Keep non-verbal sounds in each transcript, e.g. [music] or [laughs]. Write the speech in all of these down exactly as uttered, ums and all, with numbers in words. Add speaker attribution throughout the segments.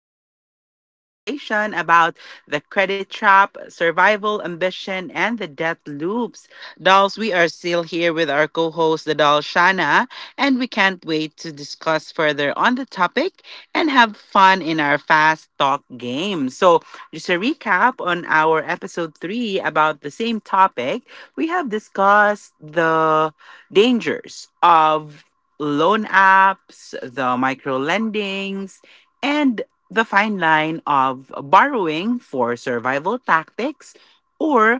Speaker 1: part two of our conversation about the credit trap, survival, ambition, and the death loops. Dolls, we are still here with our co host, the doll Shana, and we can't wait to discuss further on the topic and have fun in our fast talk game. So, just a recap on our episode three about the same topic, we have discussed the dangers of loan apps, the micro lendings, and the fine line of borrowing for survival tactics, or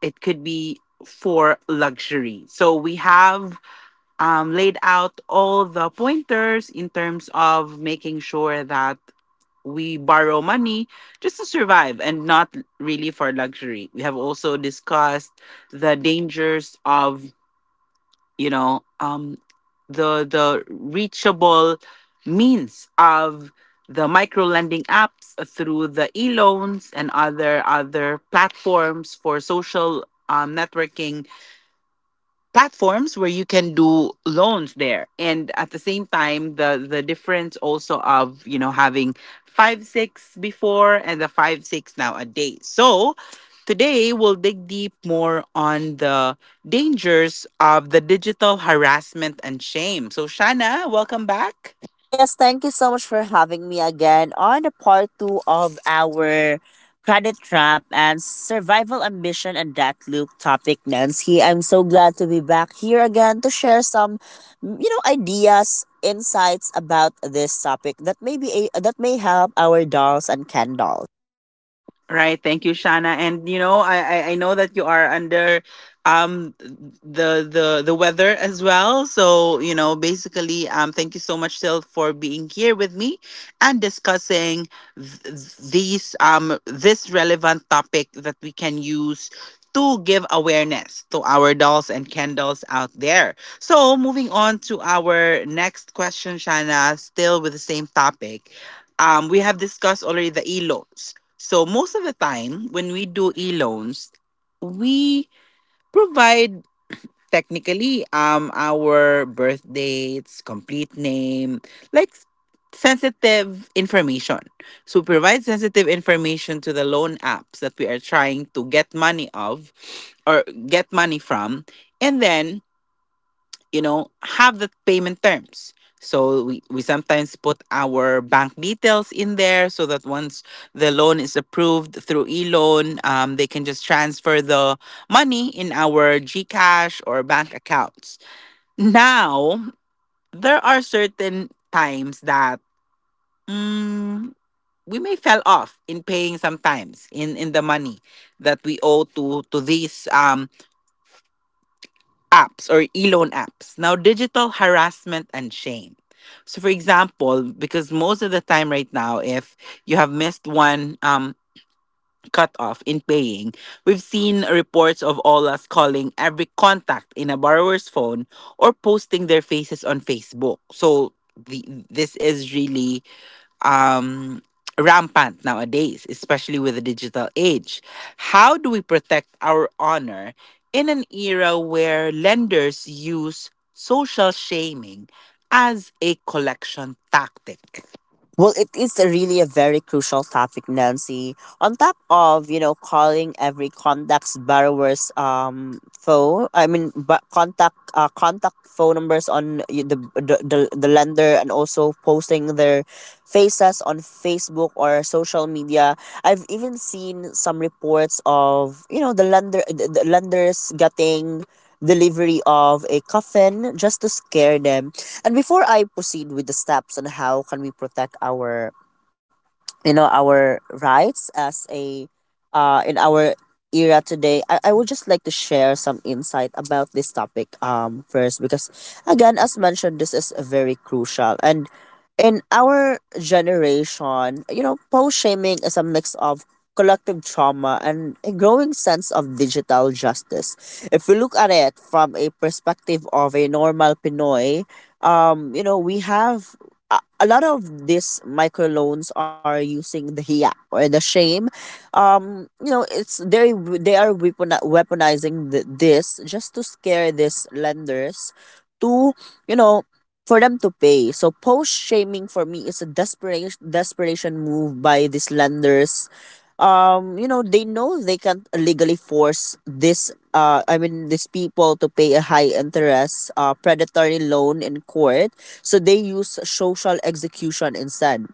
Speaker 1: it could be for luxury. So we have um, laid out all the pointers in terms of making sure that we borrow money just to survive and not really for luxury. We have also discussed the dangers of you know um the the reachable means of the micro lending apps through the e-loans and other other platforms for social um, networking platforms where you can do loans there, and at the same time the the difference also of you know having five six before and the five six nowadays. So today we'll dig deep more on the dangers of the digital harassment and shame. So, Shana, welcome back.
Speaker 2: Yes, thank you so much for having me again on the part two of our credit trap and survival ambition and that loop topic, Nancy. I'm so glad to be back here again to share some, mm, you know, ideas, insights about this topic that may be a, that may help our dolls and Ken dolls.
Speaker 1: Right. Thank you, Shana. And you know, I I, I know that you are under um the the the weather as well. So, you know, basically, um thank you so much still for being here with me and discussing th- th- these um this relevant topic that we can use to give awareness to our dolls and candles out there. So, moving on to our next question, Shana, still with the same topic. Um, we have discussed already the E LOs, so most of the time when we do e-loans, we provide technically um our birth dates, complete name, like s- sensitive information. So we provide sensitive information to the loan apps that we are trying to get money of or get money from. And then, you know, have the payment terms. So we, we sometimes put our bank details in there so that once the loan is approved through e-loan, um, they can just transfer the money in our GCash or bank accounts. Now, there are certain times that mm, we may fell off in paying sometimes in, in the money that we owe to to these um. apps or e-loan apps. Now, digital harassment and shame. So, for example, because most of the time right now, if you have missed one um, cutoff in paying, we've seen reports of all us calling every contact in a borrower's phone or posting their faces on Facebook. So, the, this is really um, rampant nowadays, especially with the digital age. How do we protect our honor in an era where lenders use social shaming as a collection tactic?
Speaker 2: Well, it is a really a very crucial topic, Nancy. On top of you know calling every contact's borrower's um phone, I mean but contact uh, contact phone numbers on y- the, the the the lender, and also posting their faces on Facebook or social media. I've even seen some reports of you know the lender the, the lenders getting delivery of a coffin just to scare them. And before I proceed with the steps on how can we protect our you know our rights as a uh in our era today, I, I would just like to share some insight about this topic um first, because again, as mentioned, this is very crucial. And in our generation, you know post shaming is a mix of collective trauma and a growing sense of digital justice. If we look at it from a perspective of a normal pinoy, um you know we have a a lot of these microloans are using the hiya or the shame. Um, you know, it's they they are weaponi- weaponizing th- this just to scare these lenders to you know for them to pay. So post shaming for me is a desperation desperation move by these lenders. Um you know they know they can't legally force this uh I mean these people to pay a high interest uh predatory loan in court. So they use social execution instead.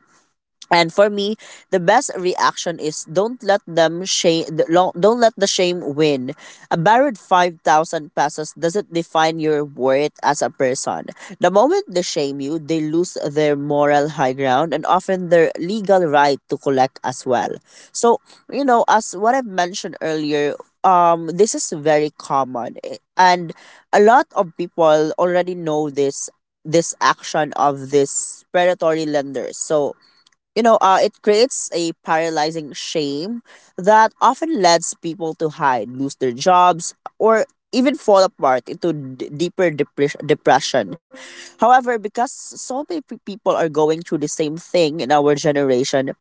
Speaker 2: And for me, the best reaction is, don't let them shame. Don't let the shame win. A borrowed five thousand pesos doesn't define your worth as a person. The moment they shame you, they lose their moral high ground and often their legal right to collect as well. So, you know, as what I've mentioned earlier, um, this is very common, eh, and a lot of people already know this this action of these predatory lenders. So, you know, uh, it creates a paralyzing shame that often leads people to hide, lose their jobs, or even fall apart into d- deeper depres- depression. However, because so many pe- people are going through the same thing in our generation,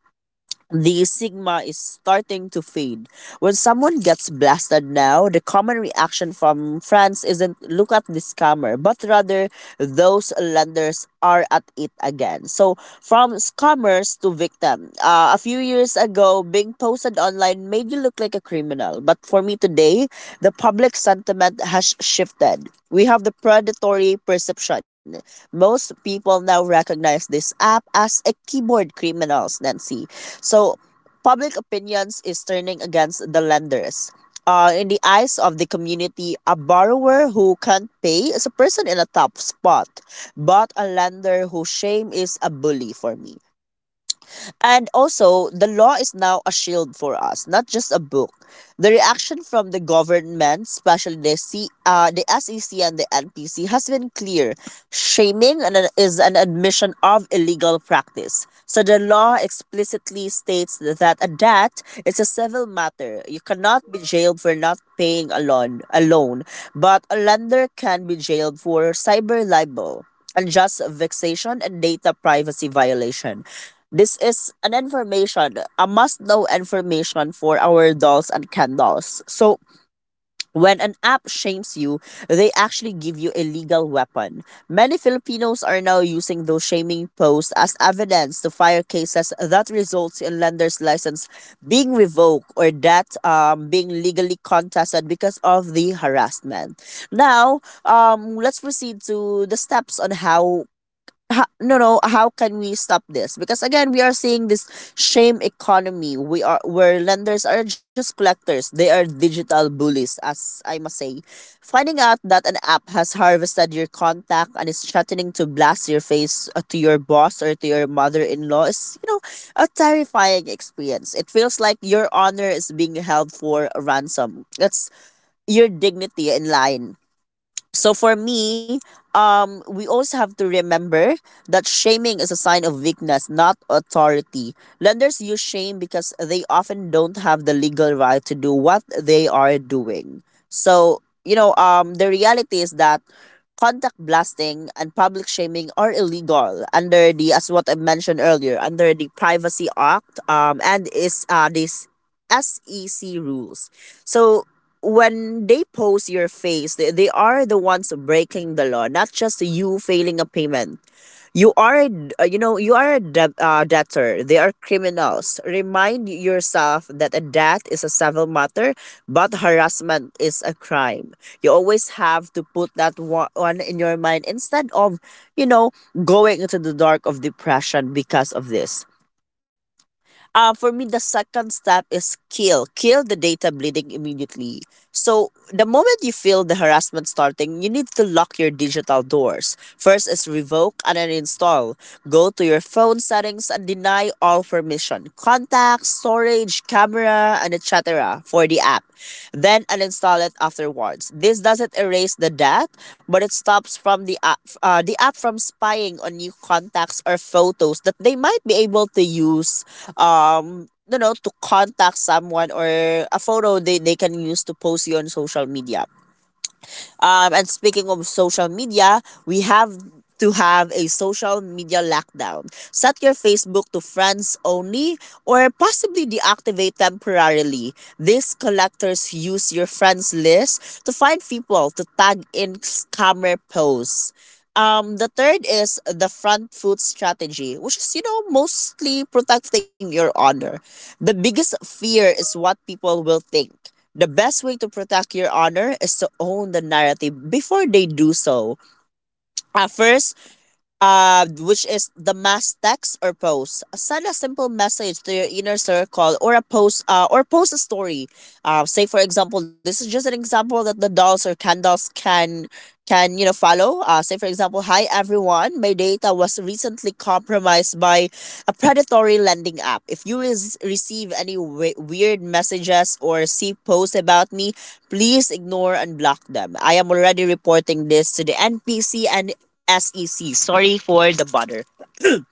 Speaker 2: the stigma is starting to fade. When someone gets blasted now, the common reaction from France isn't look at the scammer, but rather those lenders are at it again. So from scammers to victim. Uh, a few years ago, being posted online made you look like a criminal, but for me today, the public sentiment has shifted. We have the predatory perception. Most people now recognize this app as a keyboard criminals, Nancy, so public opinions is turning against the lenders. Uh, in the eyes of the community, a borrower who can't pay is a person in a tough spot, but a lender who shame is a bully for me. And also, the law is now a shield for us, not just a book. The reaction from the government, especially the, C, uh, the S E C and the N P C, has been clear. Shaming an- is an admission of illegal practice. So the law explicitly states that a debt is a civil matter. You cannot be jailed for not paying a loan, a loan, but a lender can be jailed for cyber libel, unjust vexation, and data privacy violation. This is an information, a must know information for our dolls and cat dolls. So when an app shames you, they actually give you a legal weapon. Many Filipinos are now using those shaming posts as evidence to fire cases that results in lender's license being revoked, or that um, being legally contested because of the harassment. Now, um, let's proceed to the steps on how ha, no no how can we stop this, because again we are seeing this shame economy, we are where lenders are just collectors. They are digital bullies, as I must say. Finding out that an app has harvested your contact and is threatening to blast your face, uh, to your boss or to your mother-in-law, is, you know a terrifying experience. It feels like your honor is being held for ransom. That's your dignity in line. So for me, um, we also have to remember that shaming is a sign of weakness, not authority. Lenders use shame because they often don't have the legal right to do what they are doing. So, you know, um, the reality is that contact blasting and public shaming are illegal under the, as what I mentioned earlier, under the Privacy Act, um, and is uh, this S E C rules. So when they pose your face, they, they are the ones breaking the law, not just you failing a payment. You are, uh, you know, you are a de- uh, debtor. They are criminals. Remind yourself that a debt is a civil matter, but harassment is a crime. You always have to put that wa- one in your mind, instead of, you know, going into the dark of depression because of this. Uh, for me, the second step is kill. Kill the data bleeding immediately. So, the moment you feel the harassment starting, you need to lock your digital doors. First is revoke and uninstall. Go to your phone settings and deny all permission contacts, storage, camera, and etc era for the app, then uninstall it afterwards. This doesn't erase the debt, but it stops from the app, uh, the app from spying on new contacts or photos that they might be able to use um you know to contact someone, or a photo they, they can use to post you on social media. Um, and speaking of social media, we have to have a social media lockdown. Set your Facebook to friends only, or possibly deactivate temporarily. These collectors use your friends list to find people to tag in scammer posts. Um, the third is the front foot strategy, which is, you know, mostly protecting your honor. The biggest fear is what people will think. The best way to protect your honor is to own the narrative before they do so. Uh, first, uh, which is the mass text or post. Send a simple message to your inner circle, or a post uh, or post a story. Uh, say for example, this is just an example that the dolls or candles can can you know follow. Uh, say for example, hi everyone, my data was recently compromised by a predatory lending app. If you res- receive any we- weird messages or see posts about me, please ignore and block them. I am already reporting this to the N P C and S E C. Sorry for the butter.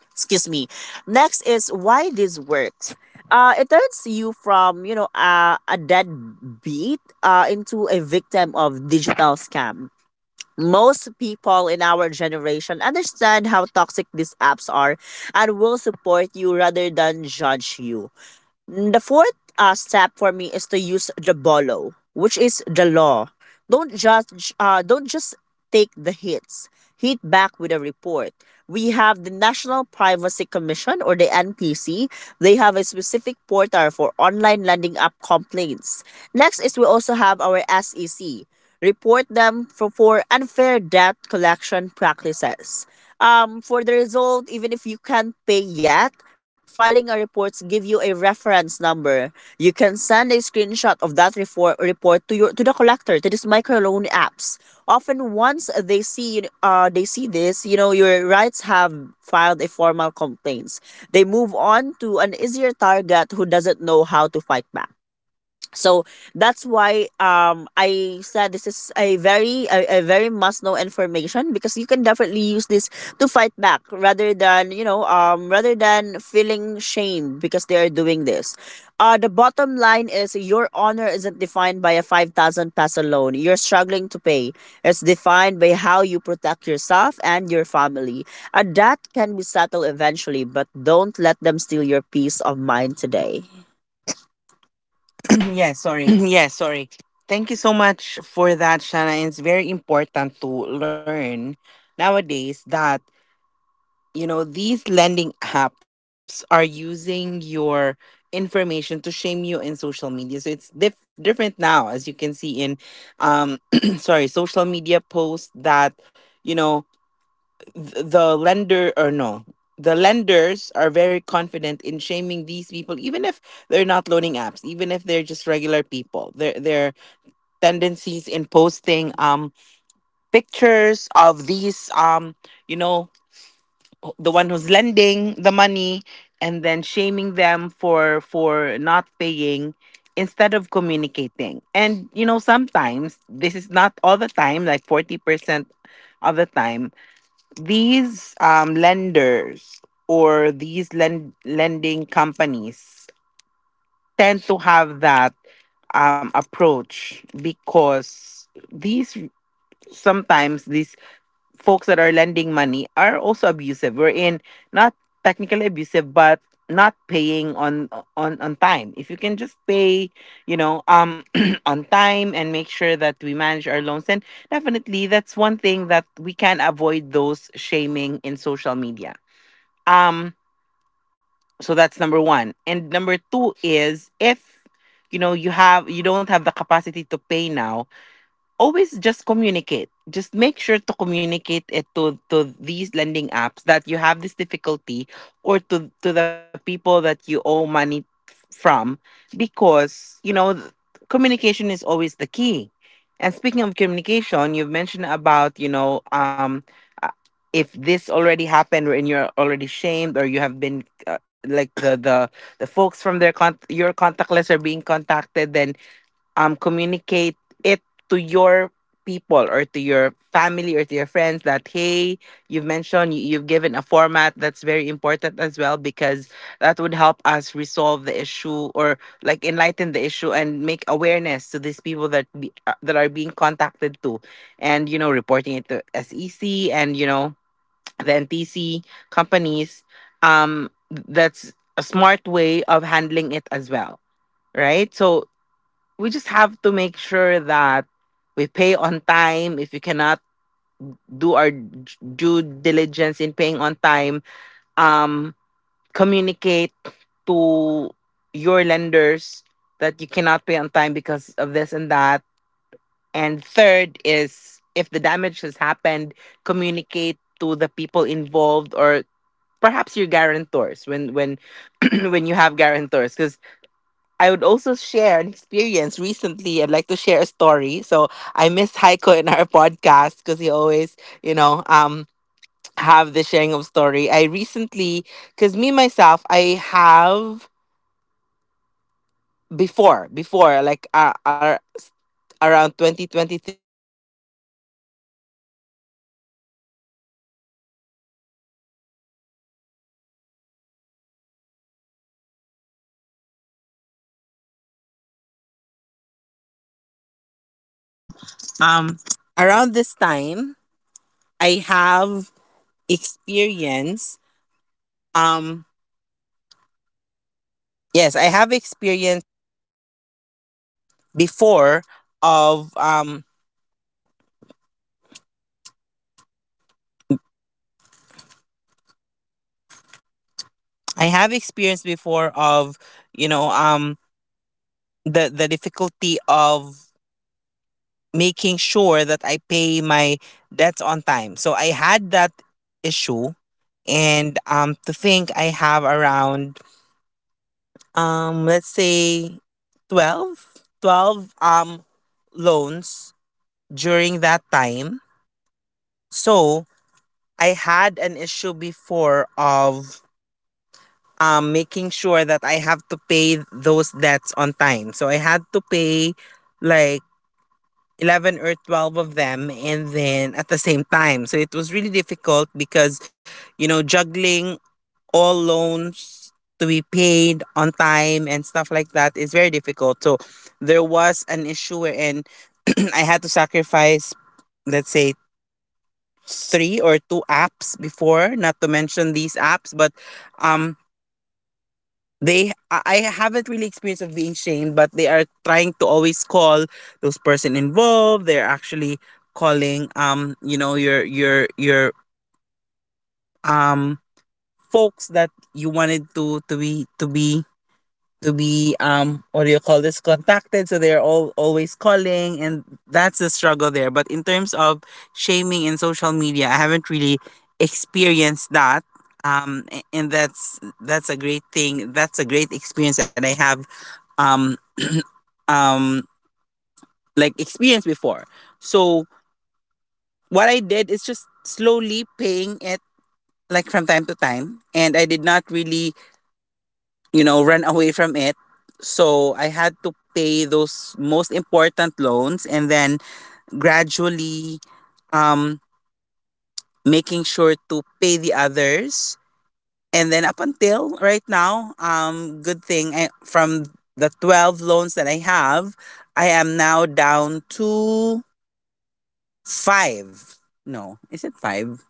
Speaker 2: Excuse me. Next is why this works. Uh, it turns you from you know uh, a deadbeat uh, into a victim of digital scam. Most people in our generation understand how toxic these apps are, and will support you rather than judge you. Mm, The fourth uh, step for me is to use the bolo, which is the law. Don't judge. Uh, don't just take the hits. Hit back with a report. We have the National Privacy Commission, or the N P C. They have a specific portal for online lending app complaints. Next is, we also have our S E C. Report them for, for unfair debt collection practices. Um, for the result, even if you can't pay yet, filing a reports give you a reference number. You can send a screenshot of that report report to your to the collector, to these microloan apps. Often once they see uh they see this, you know your rights have filed a formal complaints. They move on to an easier target who doesn't know how to fight back. So that's why um I said this is a very a, a very must know information, because you can definitely use this to fight back rather than you know um rather than feeling shamed because they are doing this. Uh the bottom line is your honor isn't defined by a five thousand peso loan you're struggling to pay. It's defined by how you protect yourself and your family. And that can be settled eventually, but don't let them steal your peace of mind today. [clears throat] Yeah,
Speaker 1: [clears throat]
Speaker 2: sorry.
Speaker 1: Yeah, sorry. Thank you so much for that, Shana. It's very important to learn nowadays that, you know, these lending apps are using your information to shame you in social media. So it's dif- different now, as you can see in um [clears throat] sorry, social media posts that, you know, th- the lender, or no, the lenders are very confident in shaming these people even if they're not loaning apps, even if they're just regular people. Their their tendencies in posting um pictures of these um you know, the one who's lending the money and then shaming them for for not paying instead of communicating. And you know, sometimes this is not all the time, like forty percent of the time these um lenders or these lend- lending companies tend to have that um approach, because these sometimes these folks that are lending money are also abusive. We're in not technically abusive, but not paying on on on time. If you can just pay, you know, um [clears throat] on time, and make sure that we manage our loans, and definitely that's one thing that we can avoid those shaming in social media. Um so that's number one. And number two is, if you know, you have, you don't have the capacity to pay now, always just communicate. Just make sure to communicate it to to these lending apps that you have this difficulty, or to to the people that you owe money f- from, because you know th- communication is always the key. And speaking of communication, you've mentioned about, you know, um uh, if this already happened and you're already shamed, or you have been, uh, like the the the folks from their con- your contact list are being contacted, then um communicate it to your people, or to your family, or to your friends that, hey, you've mentioned, you- you've given a format that's very important as well, because that would help us resolve the issue or like enlighten the issue and make awareness to these people that be, uh, that are being contacted to. And you know, reporting it to S E C and you know, the N T C companies, um that's a smart way of handling it as well, right? So we just have to make sure that we pay on time. If you cannot do our d- due diligence in paying on time, um, communicate to your lenders that you cannot pay on time because of this and that. And third is, if the damage has happened, communicate to the people involved, or perhaps your guarantors when when [clears throat] when you have guarantors. Because I would also share an experience recently. I'd like to share a story. So I miss Heiko in our [laughs] podcast, because he always, you know, um, have the sharing of story. I recently, because me myself, I have before, before, like uh,
Speaker 2: So, um, around this time, I have experience. Um, yes, I have experience before of um, I have experience before of you know um the the difficulty of making sure that I pay my debts on time. So I had that issue, and um, to think I have around, um, let's say twelve, twelve um loans during that time. So I had an issue before of um, making sure that I have to pay those debts on time. So I had to pay like eleven or twelve of them and then at the same time. So it was really difficult because, you know, juggling all loans to be paid on time and stuff like that is very difficult. So there was an issue wherein [clears throat] I had to sacrifice, let's say, three or two apps before, not to mention these apps, but um they I I haven't really experienced of being shamed, but they are trying to always call those person involved. They're actually calling um, you know, your your your um folks that you wanted to to be to be to be um what do you call this, contacted, so they're all always calling, and that's the struggle there. But in terms of shaming in social media, I haven't really experienced that. Um a- and that's that's a great thing. That's a great experience that I have um um like experienced before. So what I did is just slowly paying it, like from time to time, and I did not really, you know, run away from it. So I had to pay those most important loans and then gradually, um, making sure to pay the others. And then up until right now, um, good thing I, from the twelve loans that I have, I am now down to five. No, is it five?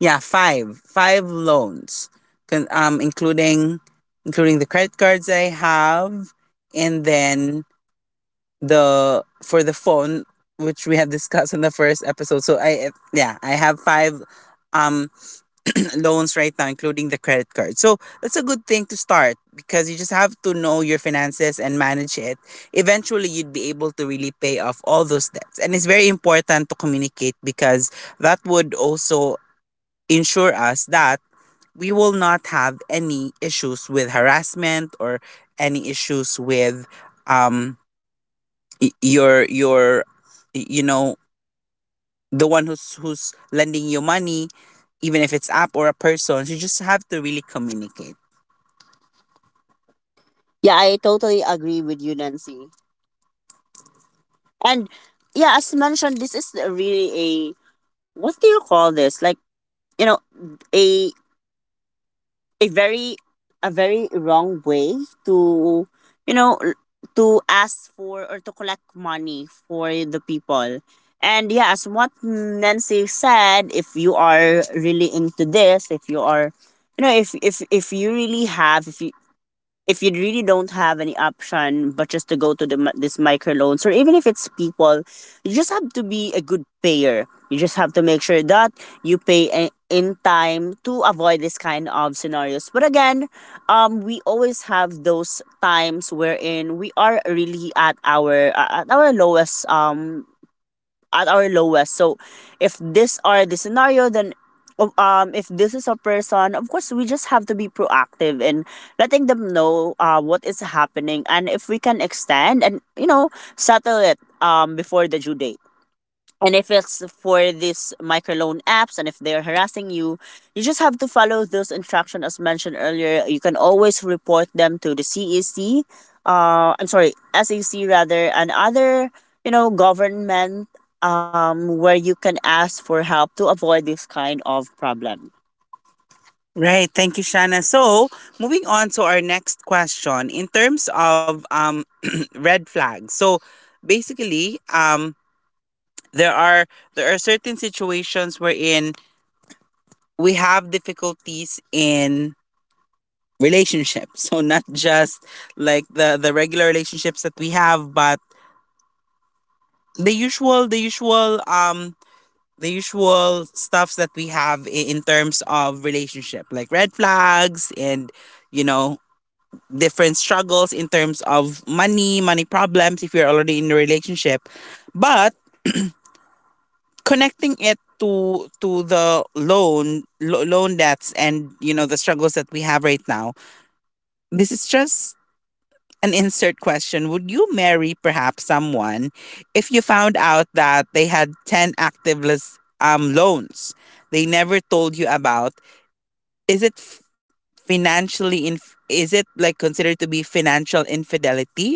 Speaker 2: Yeah, five. Five loans, Con- um, including including the credit cards that I have, and then the, for the phone, which we have discussed in the first episode. So I, yeah, I have five um [clears throat] loans right now, including the credit card. So that's a good thing to start, because you just have to know your finances and manage it. Eventually you'd be able to really pay off all those debts. And it's very important to communicate, because that would also ensure us that we will not have any issues with harassment or any issues with um y- your your y- you know the one who's who's lending you money. Even if it's app or a person, you just have to really communicate. Yeah, I totally agree with you, Nancy. And yeah, as mentioned, this is a really a, what do you call this? Like, you know, a a very, a very wrong way to, you know l- to ask for or to collect money for the people. And yeah, as what Nancy said, if you are really into this, if you are, you know if if if you really have, if you, if you really don't have any option but just to go to the mi- this microloans, or even if it's people, you just have to be a good payer. You just have to make sure that you pay i- in time to avoid this kind of scenarios. But again, um we always have those times wherein we are really at our uh, at our lowest, um at our lowest. So if this are the scenario, then of- um if this is a person, of course we just have to be proactive in letting them know uh what is happening, and if we can extend and, you know settle it um before the due date. And if it's for these microloan apps and if they're harassing you, you just have to follow those instructions as mentioned earlier. You can always report them to the C E C, uh, I'm sorry, S E C rather, and other, you know, government um, where you can ask for help to avoid this kind of problem. Right. Thank you, Shanna. So, moving on to our next question in terms of, um, [clears throat] red flags. So, basically, um, there are, there are certain situations wherein we have difficulties in relationships, [laughs] so not just like the the regular relationships that we have, but the usual, the usual um the usual stuffs that we have i- in terms of relationship, like red flags and, you know different struggles in terms of money money problems if you're already in a relationship. But connecting it to to the loan lo- loan debts and, you know the struggles that we have right now, this is just an insert question. Would you marry perhaps someone if you found out that they had ten active lis- um loans they never told you about? is it f- Financially inf- is it like considered to be financial infidelity?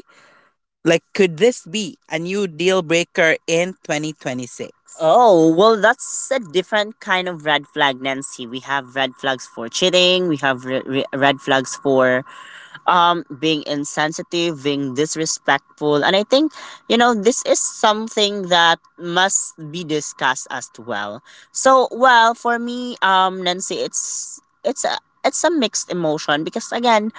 Speaker 2: Like, could this be a new deal breaker in twenty twenty-six? Oh, well, that's a different kind of red flag, Nancy. We have red flags for cheating. We have re- re- red flags for um being insensitive, being disrespectful. And I think, you know, this is something that must be discussed as well. So, well, for me, um Nancy, it's it's a, it's a mixed emotion, because again,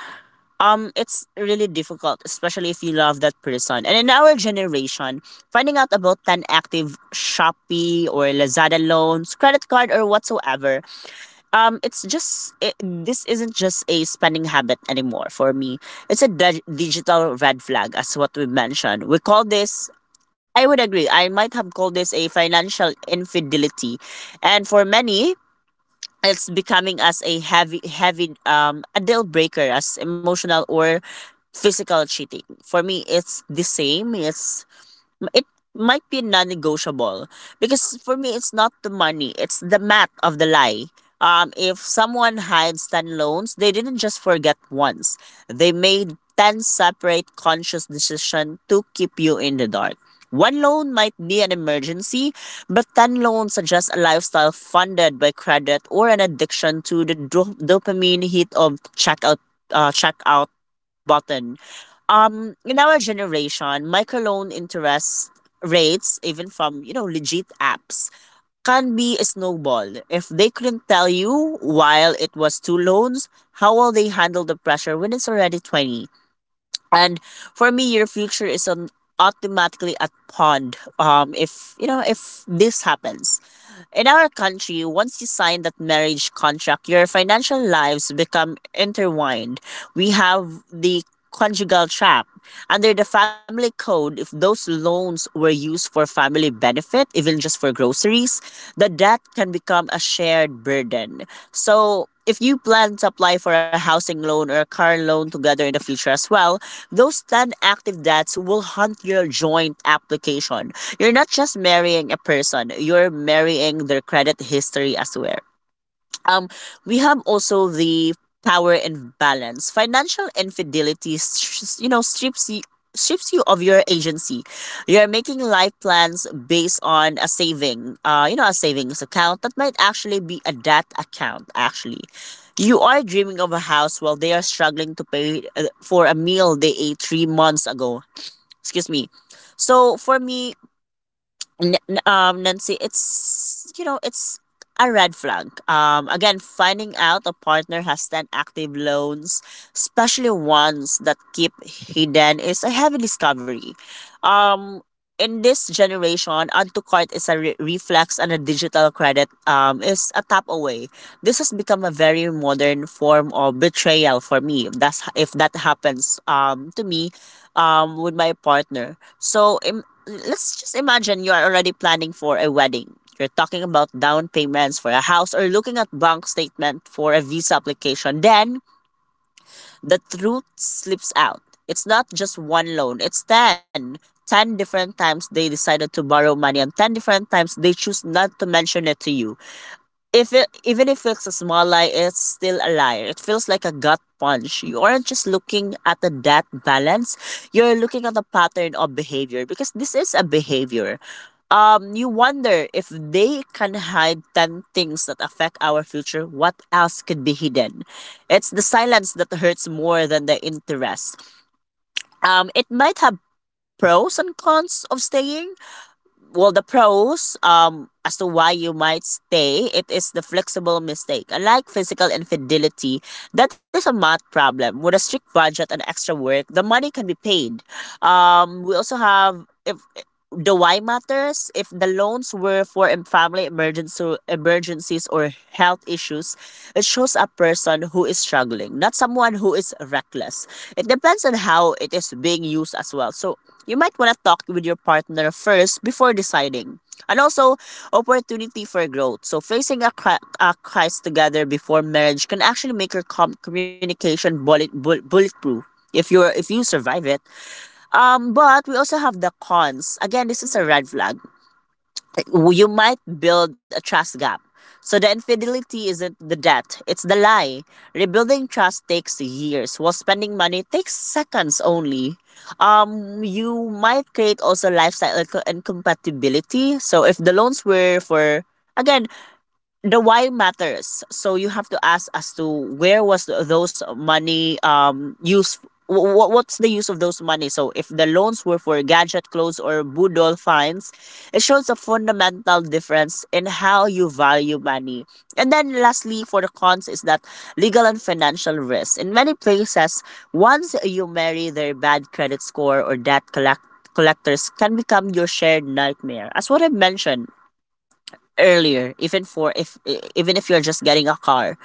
Speaker 2: um it's really difficult, especially if you love that person. And in our generation, finding out about ten active Shopee or Lazada loans, credit card or whatsoever, um it's just it, this isn't just a spending habit anymore. For me it's a dig- digital red flag. As what we mentioned, we call this, I would agree, I might have called this a financial infidelity. And for many, it's becoming as a heavy heavy um a deal breaker as emotional or physical cheating. For me it's the same. It's m- it might be non-negotiable, because for me it's not the money, it's the math of the lie. Um if someone hides ten loans, they didn't just forget once. They made ten separate conscious decisions to keep you in the dark. One loan might be an emergency, but ten loans are just a lifestyle funded by credit, or an addiction to the dop- dopamine hit of checkout, uh, checkout button. Um, in our generation, microloan interest rates, even from, you know legit apps, can be a snowball. If they couldn't tell you while it was two loans, how will they handle the pressure when it's already twenty? And for me, your future is on automatically at pawn. Um if, you know if this happens, in our country, once you sign that marriage contract, your financial lives become intertwined. We have the conjugal trap. Under the family code, if those loans were used for family benefit, even just for groceries, the debt can become a shared burden. So, if you plan to apply for a housing loan or a car loan together in the future as well, those ten active debts will haunt your joint application. You're not just marrying a person, you're marrying their credit history as well. Um, we have also the power imbalance. Financial infidelity, st- you know, strips you, strips you of your agency. You're making life plans based on a saving, uh, you know, a savings account that might actually be a debt account. Actually, you are dreaming of a house while they are struggling to pay, uh, for a meal they ate three months ago. Excuse me. So for me, N- n- um Nancy, it's, you know, it's a red flag. Um, again, finding out a partner has ten active loans, especially ones that keep hidden, is a heavy discovery. Um, in this generation, add to cart is a re- reflex and a digital credit, um, is a tap away. This has become a very modern form of betrayal for me. That's if that happens, um, to me, um with my partner. So im- let's just imagine you are already planning for a wedding. You're talking about down payments for a house, or looking at bank statement for a visa application. Then the truth slips out. It's not just one loan, it's ten. ten different times they decided to borrow money, and ten different times they choose not to mention it to you. If it, even if it's a small lie, it's still a lie. It feels like a gut punch. You aren't just looking at the that balance. You're looking at the pattern of behavior, because this is a behavior. Um, you wonder if they can hide ten things that affect our future. What else could be hidden? It's the silence that hurts more than the interest. Um, it might have pros and cons of staying. Well, the pros, um as to why you might stay, it is the flexible mistake. Unlike physical infidelity, that is a math problem with a strict budget and extra work the money can be paid. Um, we also have, if the why matters. If the loans were for em- family emergency emergencies or health issues, it shows a person who is struggling, not someone who is reckless. It depends on how it is being used as well. So you might want to talk with your partner first before deciding. And also opportunity for growth. So facing a, cri- a crisis together before marriage can actually make your com- communication bullet- bull- bulletproof, if you're, if you survive it. Um, but we also have the cons. Again, this is a red flag. You might build a trust gap. So the infidelity isn't the debt, it's the lie. Rebuilding trust takes years, while spending money takes seconds only. Um, you might create also lifestyle inco- incompatibility. So if the loans were for, again, the why matters. So you have to ask as to where was th- those money um used. What what's the use of those money? So if the loans were for gadget clothes or budol fines, it shows a fundamental difference in how you value money. And then lastly, for the cons is that legal and financial risk. In many places, once you marry their bad credit score or debt collect collectors can become your shared nightmare. As what I mentioned earlier, even for if e- even if you're just getting a car,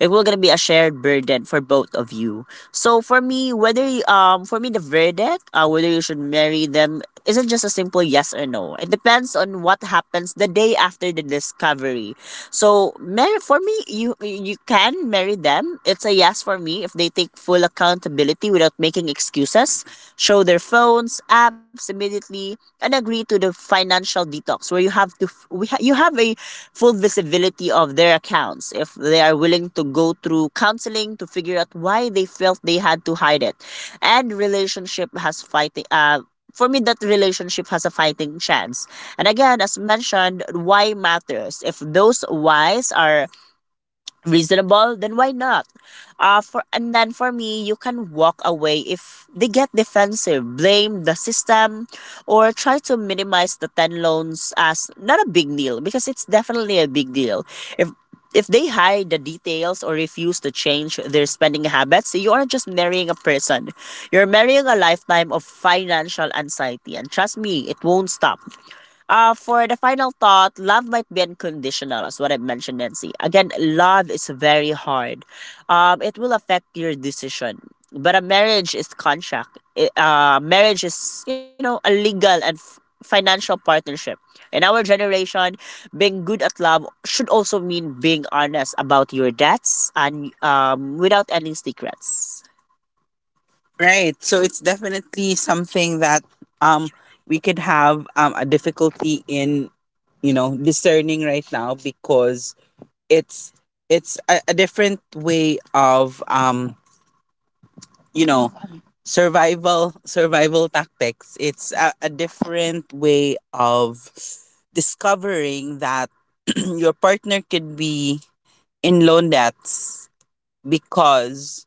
Speaker 2: it will gonna be a shared burden for both of you. So for me, whether you- um for me, the verdict, uh, whether you should marry them, isn't just a simple yes or no. It depends on what happens the day after the discovery. So marry, for me, you you can marry them. It's a yes for me if they take full accountability without making excuses, show their phones, apps, steps immediately, and agree to the financial detox where you have to f- we ha- you have a full visibility of their accounts, if they are willing to go through counseling to figure out why they felt they had to hide it. And relationship has fighting uh For me, that relationship has a fighting chance. And again, as mentioned, why matters. If those whys are reasonable, then why not? Uh, for and then for me, you can walk away if they get defensive, blame the system, or try to minimize the ten loans as not a big deal, because it's definitely a big deal. If if they hide the details or refuse to change their spending habits, you aren't just marrying a person. You're marrying a lifetime of financial anxiety. And trust me, it won't stop. Uh, for the final thought, love might be unconditional, as what I mentioned, Nancy. Again, love is very hard. Um, it will affect your decision, but a marriage is contract. I- Uh, marriage is, you know, a legal and f- financial partnership. In our generation, being good at love should also mean being honest about your debts and um without any secrets. Right. So it's definitely something that um we could have um a difficulty in, you know, discerning right now, because it's it's a, a different way of um, you know, survival survival tactics. It's a, a different way of discovering that [clears throat] your partner could be in loan debts because,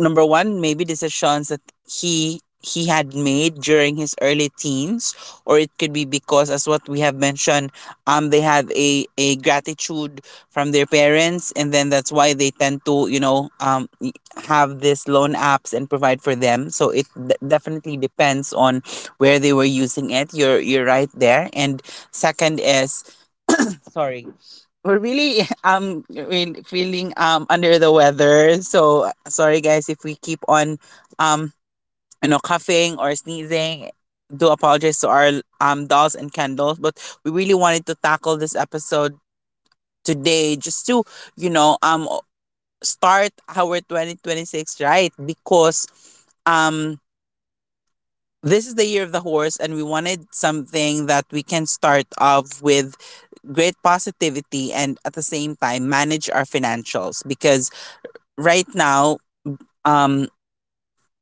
Speaker 2: number one, maybe decisions that he he had made during his early teens, or it could be because, as what we have mentioned, um, they have a a gratitude from their parents, and then that's why they tend to, you know, um, y- have this loan apps and provide for them. So it d- definitely depends on where they were using it. You're you're right there. And second is, sorry, we're really [laughs] um really feeling um under the weather, so sorry guys if we keep on um you know, coughing or sneezing. Do apologize to our um dolls and candles, but we really wanted to tackle this episode today just to, you know, um start our twenty twenty-six right, because um this is the year of the horse, and we wanted something that we can start off with great positivity and at the same time manage our financials. Because right now, um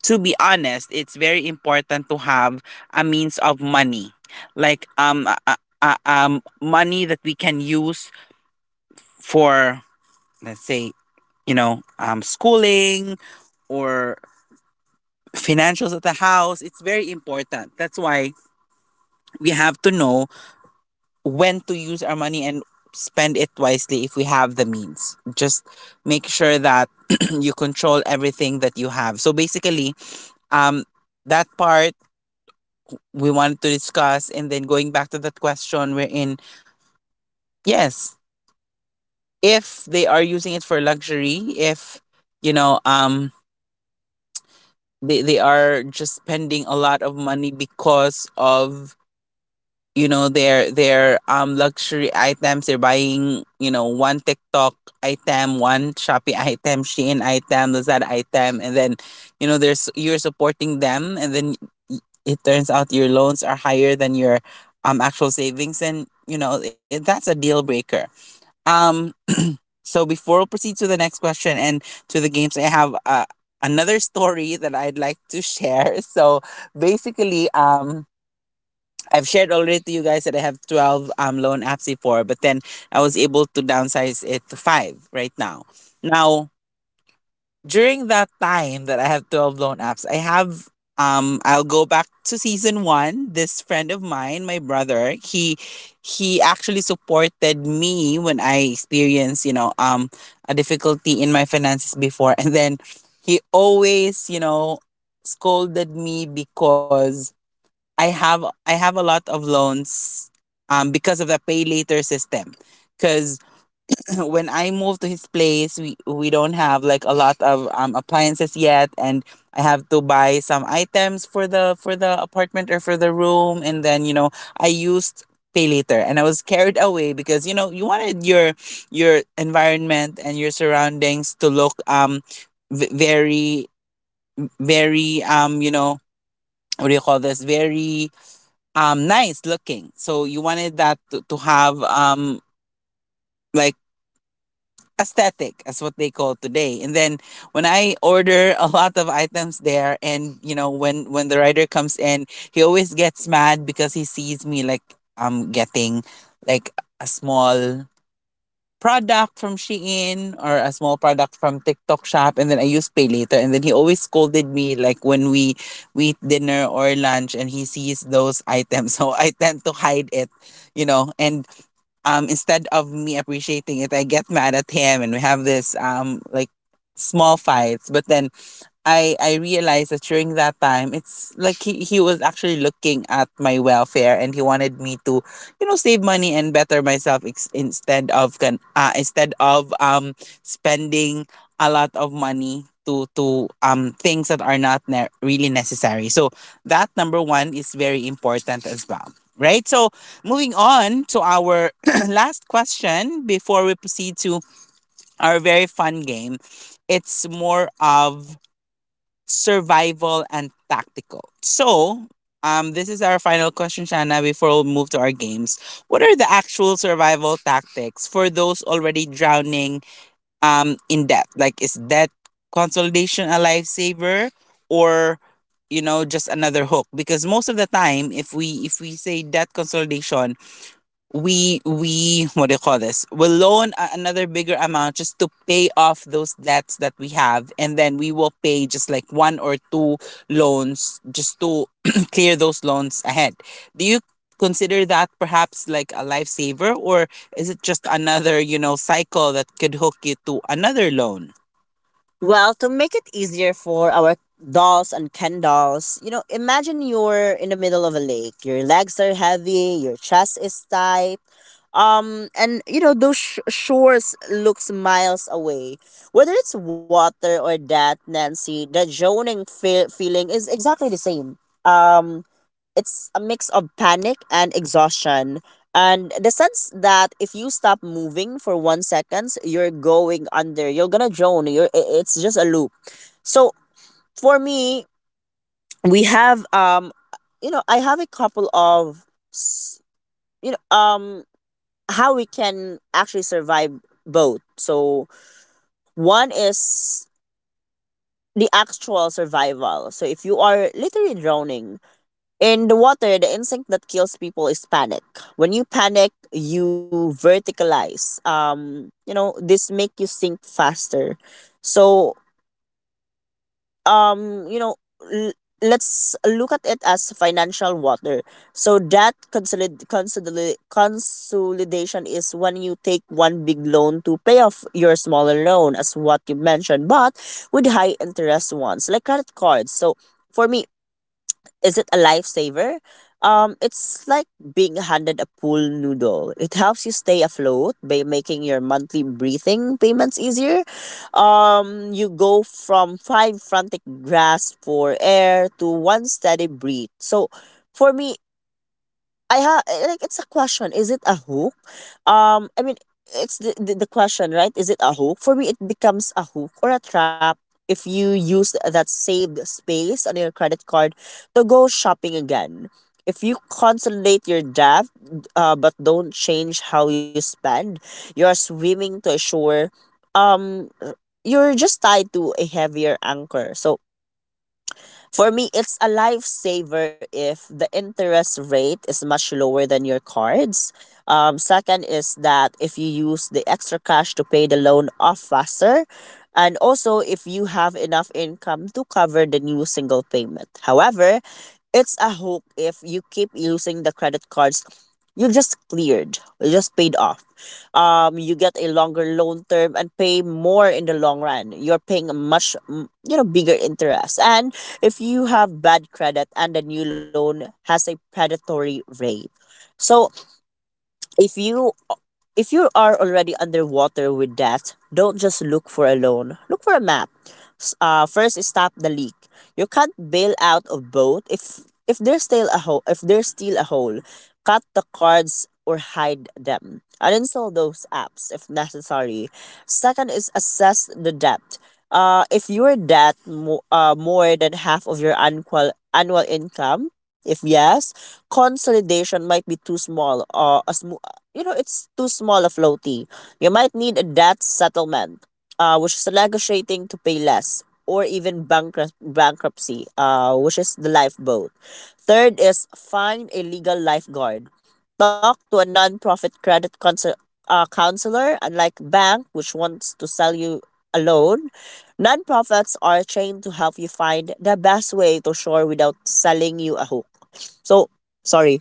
Speaker 2: to be honest, it's very important to have a means of money, like um uh, uh, uh, um money that we can use for, let's say, you know, um schooling or financials at the house. It's very important. That's why we have to know when to use our money and spend it wisely if we have the means. Just make sure that [clears throat] you control everything that you have. So basically, um, that part we wanted to discuss, and then going back to that question, we're in, yes, if they are using it for luxury, if you know, um, they, they are just spending a lot of money because of, you know, their their um luxury items they're buying. You know, one TikTok item, one Shopee [laughs] item, Shein item, Lazada item, and then you know there's, you're supporting them, and then y- it turns out your loans are higher than your um actual savings, and you know it, that's a deal breaker. um [clears throat] so before we proceed to the next question and to the games, I have, uh, another story that I'd like to share. [laughs] So basically, um I've shared already to you guys that I have twelve um, loan apps before, but then I was able to downsize it to five right now. Now, during that time that I have twelve loan apps, I have um I'll go back to season one. This friend of mine, my brother, he he actually supported me when I experienced, you know, um a difficulty in my finances before [laughs] and then he always, you know, scolded me because I have I have a lot of loans um because of the pay later system. Cause [clears throat] when I moved to his place, we, we don't have like a lot of um appliances yet, and I have to buy some items for the for the apartment or for the room, and then you know I used pay later, and I was carried away because you know you wanted your your environment and your surroundings to look um v- very very um you know, what do you call this, very um nice looking, so you wanted that to, to have um like aesthetic, as what they call today. And then when I order a lot of items there, and you know, when when the rider comes in, he always gets mad because he sees me like I'm getting like a small product from Shein or a small product from TikTok shop, and then I use pay later, and then he always scolded me, like when we we eat dinner or lunch and he sees those items. [laughs] So I tend to hide it, you know. And um instead of me appreciating it, I get mad at him, and we have this um like small fights. But then i i realized that during that time it's like he, he was actually looking at my welfare, and he wanted me to, you know, save money and better myself, ex- instead of can uh, instead of um spending a lot of money to to um things that are not ne- really necessary. So that number one is very important as well, right? So moving on to our last question before we proceed to our very fun game. It's more of survival and tactical. So, um, this is our final question, Shanna, before we move to our games. What are the actual survival tactics for those already drowning um, in debt? Like, is debt consolidation a lifesaver, or, you know, just another hook? Because most of the time, if we if we say debt consolidation, we we what do you call this, we'll loan a- another bigger amount just to pay off those debts that we have, and then we will pay just like one or two loans just to [clears throat] clear those loans ahead. Do you consider that perhaps like a lifesaver, or is it just another, you know, cycle that could hook you to another loan? Well, to make it easier for our dolls and Ken dolls, you know, imagine you're in the middle of a lake. Your legs are heavy, your chest is tight, um, and you know those sh- shores looks miles away. Whether it's water or that Nancy, the zoning fe- feeling is exactly the same. Um, it's a mix of panic and exhaustion, and the sense that if you stop moving for one seconds, you're going under. You're gonna drone. You're i- it's just a loop. So for me, we have um, you know, I have a couple of s- you know um how we can actually survive both. So one is the actual survival. So if you are literally drowning in the water, the instinct that kills people is panic. When you panic, you verticalize. Um, you know, this make you sink faster. So um you know, l- let's look at it as financial water. So that consolid- consolid- consolidation is when you take one big loan to pay off your smaller loan, as what you mentioned, but with high interest ones like credit cards. So for me, is it a lifesaver? Um, it's like being handed a pool noodle. It helps you stay afloat by making your monthly breathing payments easier. Um, you go from five frantic grasps for air to one steady breath. So, for me, I ha eh, like it's a question. Is it a hook? Um, I mean, it's the, the the question, right? Is it a hook? For me, it becomes a hook or a trap if you use that saved space on your credit card to go shopping again. If you consolidate your debt, uh, but don't change how you spend, you are swimming to a shore. Um, you're just tied to a heavier anchor. So for me, it's a lifesaver if the interest rate is much lower than your cards. Um, second is that if you use the extra cash to pay the loan off faster, and also if you have enough income to cover the new single payment. However, it's a hook if you keep using the credit cards you just cleared you just paid off. Um you get a longer loan term and pay more in the long run. You're paying a much mm, you know bigger interest, and if you have bad credit and the new loan has a predatory rate. So if you if you are already underwater with that, don't just look for a loan. Look for a map. S- Uh, first, stop the leak. You can't bail out of boat if if there's still a hole. If there's still a hole, cut the cards or hide them. Uninstall those apps if necessary. Second is assess the debt. Uh, if your debt mo- uh, more than half of your annual annual income, if yes, consolidation might be too small. Uh, a, sm- you know, It's too small a flow fee. You might need a debt settlement, uh, which is negotiating to pay less, or even bankrupt- bankruptcy, uh, which is the lifeboat. Third is find a legal lifeguard. Talk to a non-profit credit counsel- uh, counselor, unlike bank, which wants to sell you a loan. Nonprofits are trained to help you find the best way to shore without selling you a hook. So, sorry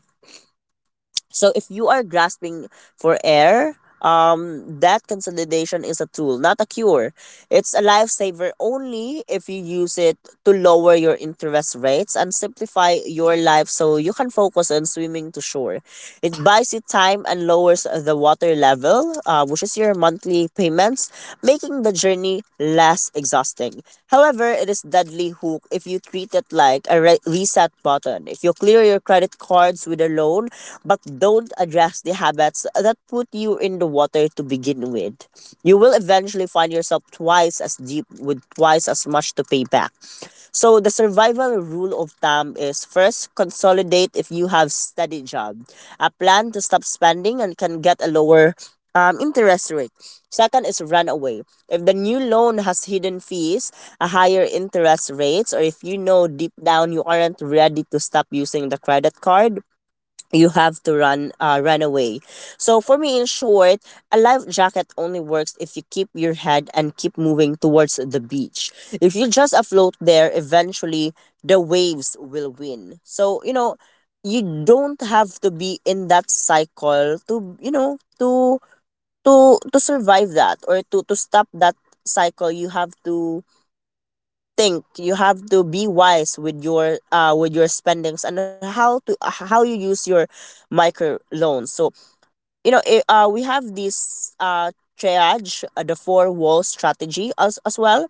Speaker 2: so if you are grasping for air, um, that consolidation is a tool, not a cure. It's a lifesaver only if you use it to lower your interest rates and simplify your life so you can focus on swimming to shore. It buys you time and lowers the water level, uh, which is your monthly payments, making the journey less exhausting. However, it is deadly hook if you treat it like a re- reset button. If you clear your credit cards with a loan but don't address the habits that put you you in the water to begin with. You will eventually find yourself twice as deep with twice as much to pay back. So the survival rule of thumb is first, consolidate if you have steady job, a plan to stop spending, and can get a lower um, interest rate. Second is run away. If the new loan has hidden fees, a higher interest rates, or if you know deep down you aren't ready to stop using the credit card, you have to run uh, run away. So for me, in short, a life jacket only works if you keep your head and keep moving towards the beach. If you just afloat there, eventually the waves will win. So you know, you don't have to be in that cycle to, you know, to to to survive that or to to stop that cycle. You have to think. You have to be wise with your uh with your spendings and how to how you use your micro loans. So you know it, uh we have this uh triage, uh, the four wall strategy as as well.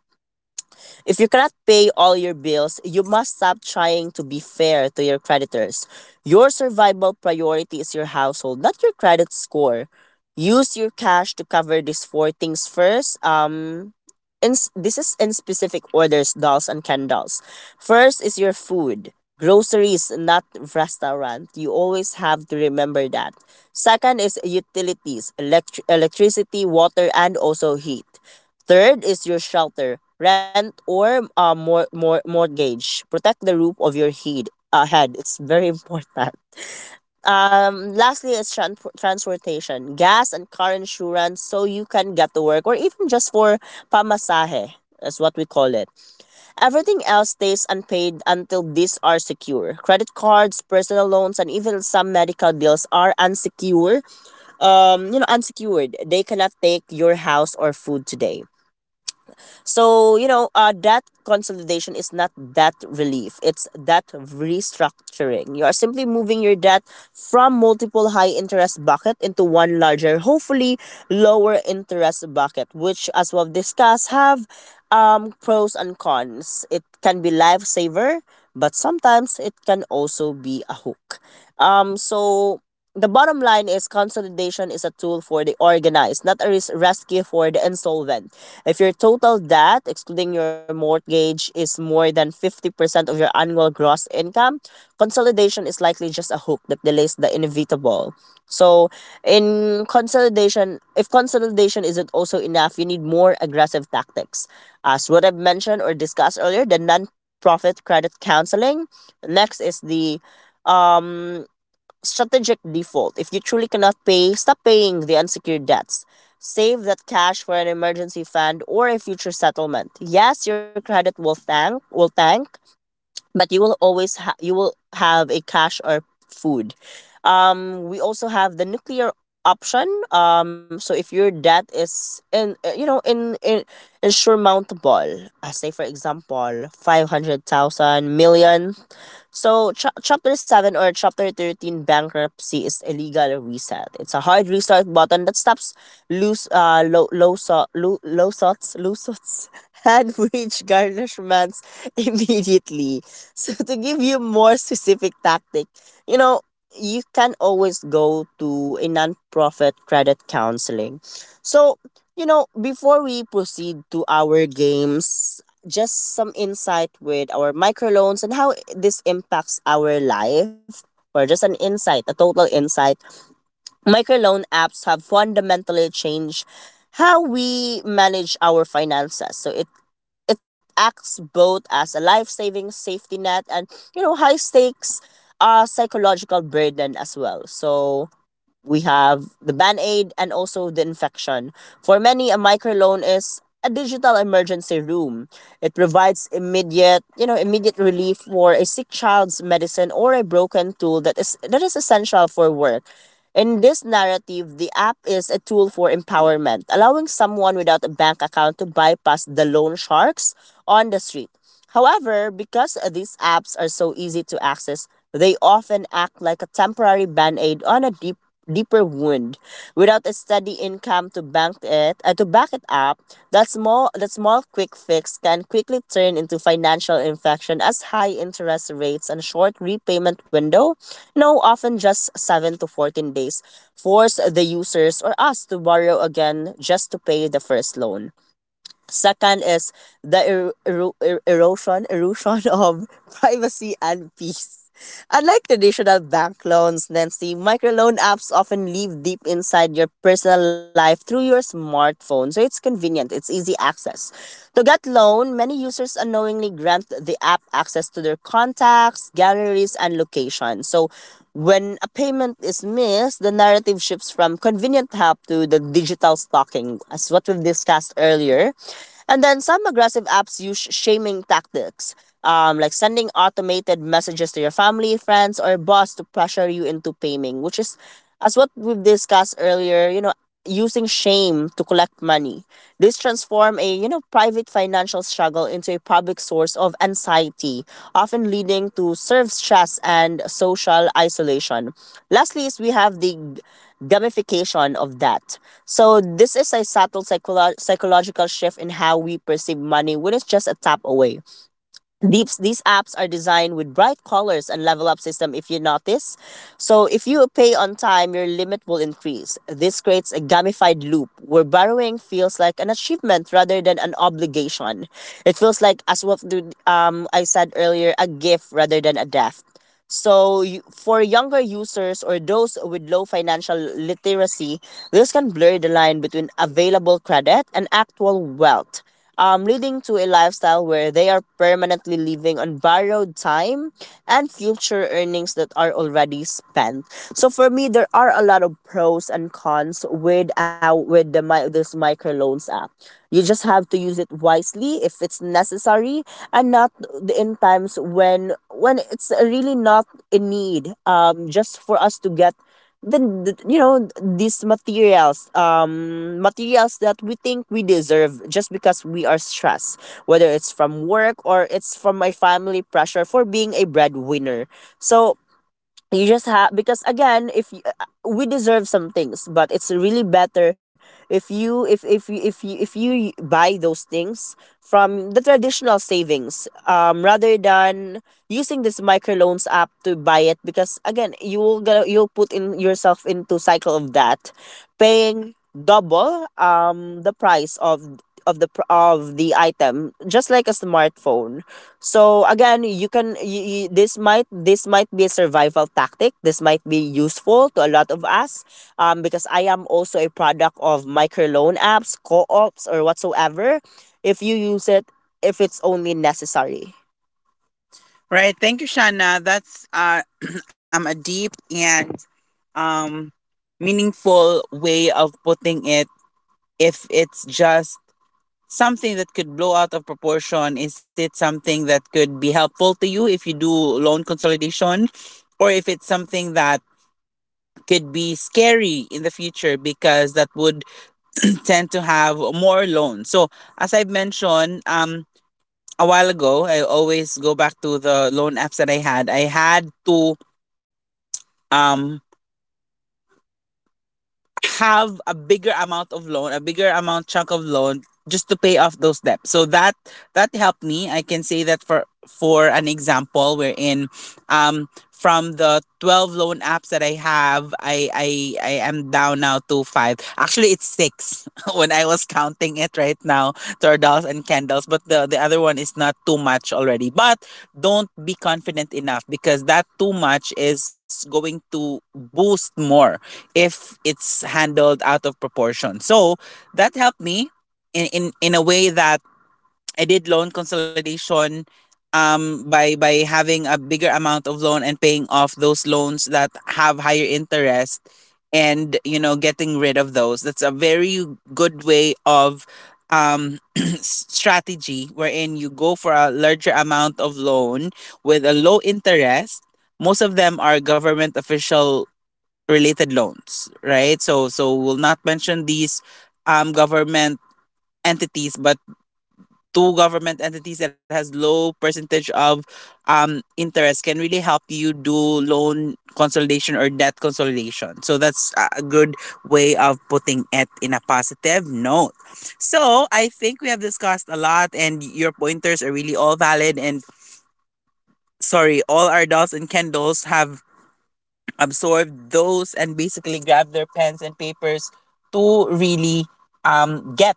Speaker 2: If you cannot pay all your bills, you must stop trying to be fair to your creditors. Your survival priority is your household, not your credit score. Use your cash to cover these four things first. Um, in, this is in specific orders, dolls and candles. First is your food. Groceries, not restaurant. You always have to remember that. Second is utilities, elect- electricity, water, and also heat. Third is your shelter, rent or uh, mor- mor- mortgage. Protect the roof of your head. Uh, head. It's very [laughs] important. Um, lastly is tran- transportation, gas and car insurance so you can get to work or even just for pamasahe is what we call it. Everything else stays unpaid until these are secure. Credit cards, personal loans, and even some medical bills are unsecure. Um, you know, unsecured. They cannot take your house or food today. So, you know, uh, that consolidation is not that relief. It's that restructuring. You are simply moving your debt from multiple high interest bucket into one larger, hopefully lower interest bucket, which as we've discussed have um, pros and cons. It can be lifesaver, but sometimes it can also be a hook. Um, so the bottom line is consolidation is a tool for the organized, not a res- rescue for the insolvent. If your total debt, excluding your mortgage, is more than fifty percent of your annual gross income, consolidation is likely just a hook that delays the inevitable. So, in consolidation, if consolidation isn't also enough, you need more aggressive tactics. As what I've mentioned or discussed earlier, the non-profit credit counseling. Next is the um strategic default. If you truly cannot pay, stop paying the unsecured debts. Save that cash for an emergency fund or a future settlement. Yes, your credit will tank, will tank, but you will always ha- you will have a cash or food. Um, we also have the nuclear option. Um, so if your debt is in uh, you know in in insurmountable, uh, say for example five hundred thousand million. So, cha- Chapter seven or Chapter thirteen bankruptcy is a legal reset. It's a hard restart button that stops loose, uh, low, low, so, low, low sots, low sots, [laughs] and wage garnishments [laughs] immediately. So, to give you more specific tactic, you know, you can always go to a non-profit credit counseling. So, you know, before we proceed to our games, just some insight with our microloans and how this impacts our life, or just an insight, a total insight. Microloan apps have fundamentally changed how we manage our finances. So it it acts both as a life-saving safety net and you know high stakes uh psychological burden as well. So we have the band aid and also the infection. For many, a microloan is a digital emergency room. It provides immediate, you know, immediate relief for a sick child's medicine or a broken tool that is that is essential for work. In this narrative, the app is a tool for empowerment, allowing someone without a bank account to bypass the loan sharks on the street. However, because these apps are so easy to access, they often act like a temporary band aid on a deep deeper wound without a steady income to bank it uh, to back it up. That small that small quick fix can quickly turn into financial infection as high interest rates and short repayment window, no, often just seven to fourteen days, force the users or us to borrow again just to pay the first loan. Second is the er- ero- er- erosion erosion [laughs] of privacy and peace. Unlike traditional bank loans, Nancy, microloan apps often live deep inside your personal life through your smartphone, so it's convenient, it's easy access. To get loan, many users unknowingly grant the app access to their contacts, galleries, and location. So when a payment is missed, the narrative shifts from convenient help to the digital stalking, as what we've discussed earlier. And then some aggressive apps use shaming tactics, um, like sending automated messages to your family, friends, or boss to pressure you into paying, which is, as what we've discussed earlier, you know, using shame to collect money. This transform a you know private financial struggle into a public source of anxiety, often leading to serve stress and social isolation. Lastly, is we have the g- gamification of that. So this is a subtle psycholo- psychological shift in how we perceive money when it's just a tap away. These, these apps are designed with bright colors and level up system if you notice. So if you pay on time, your limit will increase. This creates a gamified loop where borrowing feels like an achievement rather than an obligation. It feels like as what um I said earlier, a gift rather than a debt. So, you- for younger users or those with low financial literacy, this can blur the line between available credit and actual wealth, um, leading to a lifestyle where they are permanently living on borrowed time and future earnings that are already spent. So, for me, there are a lot of pros and cons with, uh, with the, mi- this microloans app. You just have to use it wisely if it's necessary and not in times when when it's really not a need, um just for us to get the, the you know these materials, um materials that we think we deserve just because we are stressed, whether it's from work or it's from my family pressure for being a breadwinner. So you just have, because again, if you, we deserve some things, but it's really better if you if if you if you if you buy those things from the traditional savings, um rather than using this microloans app to buy it, because again, you'll gonna you'll put in yourself into cycle of that, paying double, um the price of of the pr- of the item, just like a smartphone. So again, you can, y y this might this might be a survival tactic. This might be useful to a lot of us, um, because I am also a product of microloan apps, co-ops, or whatsoever. If you use it, if it's only necessary. Right. Thank you, Shana. That's uh, [clears throat] um, a deep and um, meaningful way of putting it. If it's just something that could blow out of proportion? Is it something that could be helpful to you if you do loan consolidation? Or if it's something that could be scary in the future, because that would [clears throat] tend to have more loans. So, as I've mentioned, um, a while ago, I always go back to the loan apps that I had. I had to um, have a bigger amount of loan, a bigger amount chunk of loan just to pay off those debts. So that that helped me. I can say that, for for an example, wherein um from the twelve loan apps that I have, I I I am down now to five. Actually it's six [laughs] when I was counting it right now, turtles and candles, but the the other one is not too much already. But don't be confident enough, because that too much is going to boost more if it's handled out of proportion. So that helped me in in, in a way that I did loan consolidation, um by by having a bigger amount of loan and paying off those loans that have higher interest, and you know, getting rid of those. That's a very good way of um [clears throat] strategy, wherein you go for a larger amount of loan with a low interest. Most of them are government official related loans, right? So so we'll not mention these um government entities, but two government entities that has low percentage of um interest can really help you do loan consolidation or debt consolidation. So that's a a good way of putting it in a positive note. So I think we have discussed a lot, and your pointers are really all valid, and sorry, all our dolls and Kendalls have absorb those and basically grab their pens and papers to really um, get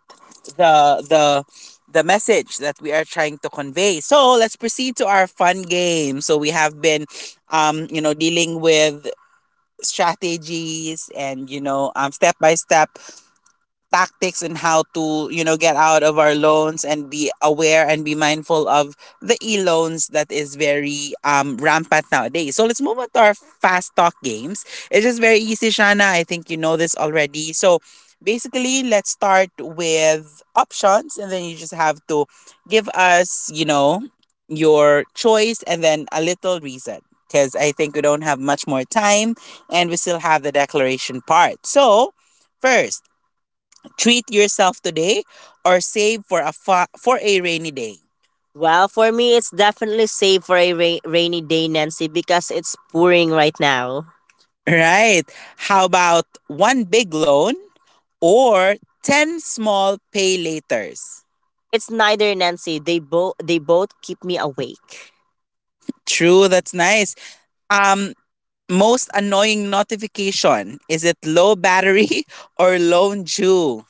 Speaker 2: the the the message that we are trying to convey. So let's proceed to our fun game. So we have been, um, you know, dealing with strategies and, you know, um, step by step tactics and how to, you know, get out of our loans and be aware and be mindful of the e-loans that is very um rampant nowadays. So let's move on to our fast talk games. It's just very easy, Shana. I think you know this already. So basically, let's start with options, and then you just have to give us, you know, your choice and then a little reason, because I think we don't have much more time, and we still have the declaration part. So first, treat yourself today or save for a fa- for a rainy day. Well, for me, it's definitely safe for a ra- rainy day, Nancy, because it's pouring right now. Right. How about one big loan or ten small pay laters? It's neither, Nancy. They both they both keep me awake. True, that's nice. Um Most annoying notification, is it low battery [laughs] or loan due?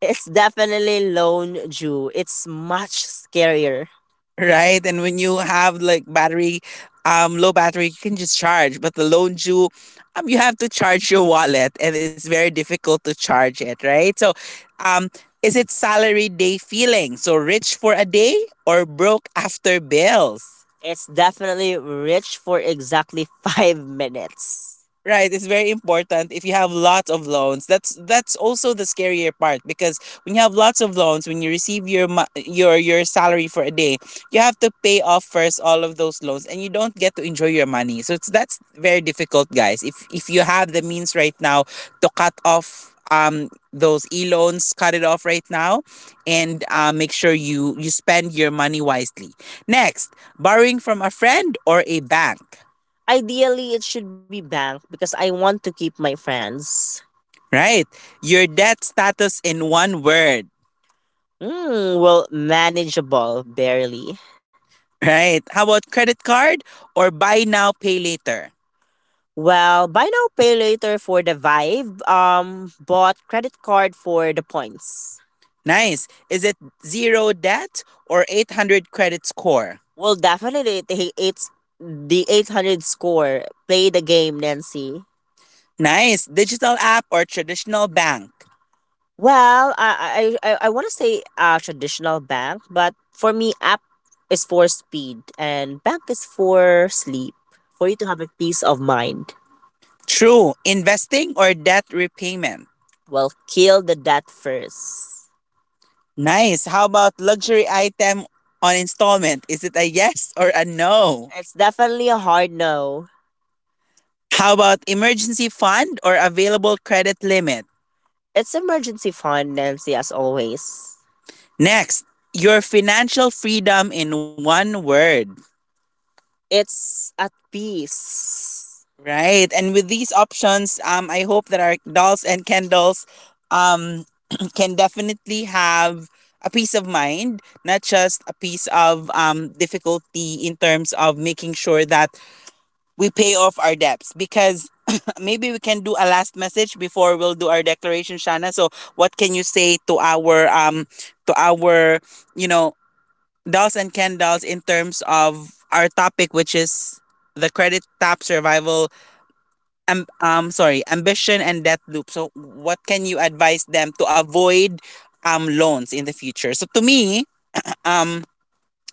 Speaker 2: It's definitely Lone Jew. It's much scarier. Right? And when you have like battery, um, low battery, you can just charge. But the lone Jew, um, you have to charge your wallet, and it's very difficult to charge it, right? So, um, is it salary day feeling? So rich for a day or broke after bills? It's definitely rich for exactly [laughs] five minutes. Right, it's very important if you have lots of loans. That's that's also the scarier part, because when you have lots of loans, when you receive your mo- your your salary for a day, you have to pay off first all of those loans and you don't get to enjoy your money. So it's that's very difficult, guys. If if you have the means right now to cut off um those e-loans, cut it off right now and uh, make sure you you spend your money wisely. Next, borrowing from a friend or a bank. Ideally, it should be bank because I want to keep my friends. Right. Your debt status in one word. Mm, well, manageable, barely. Right. How about credit card or buy now, pay later? Well, buy now, pay later for the vibe. Um, bought credit card for the points. Nice. Is it zero debt or eight hundred credit score? Well, definitely, it- it's the eight hundred score. Play the game, Nancy. Nice. Digital app or traditional bank? Well, I I I, I want to say, uh, traditional bank, but for me, app is for speed and bank is for sleep. For you to have a peace of mind. True. Investing or debt repayment? Well, kill the debt first. Nice. How about luxury item on installment? Is it a yes or a no? It's definitely a hard no. How about emergency fund or available credit limit? It's emergency fund, Nancy, as always. Next, your financial freedom in one word. It's at peace. Right. And with these options, um, I hope that our dolls and Kendalls, um, [clears throat] can definitely have a peace of mind, not just a piece of, um, difficulty in terms of making sure that we pay off our debts, because [coughs] [laughs] maybe we can do a last message before we'll do our declaration, Shana. So what can you say to our, um to our, you know, dolls and ken dolls in terms of our topic, which is the credit tap survival, um, um sorry, ambition and debt loop. So what can you advise them to avoid um loans in the future? So, to me,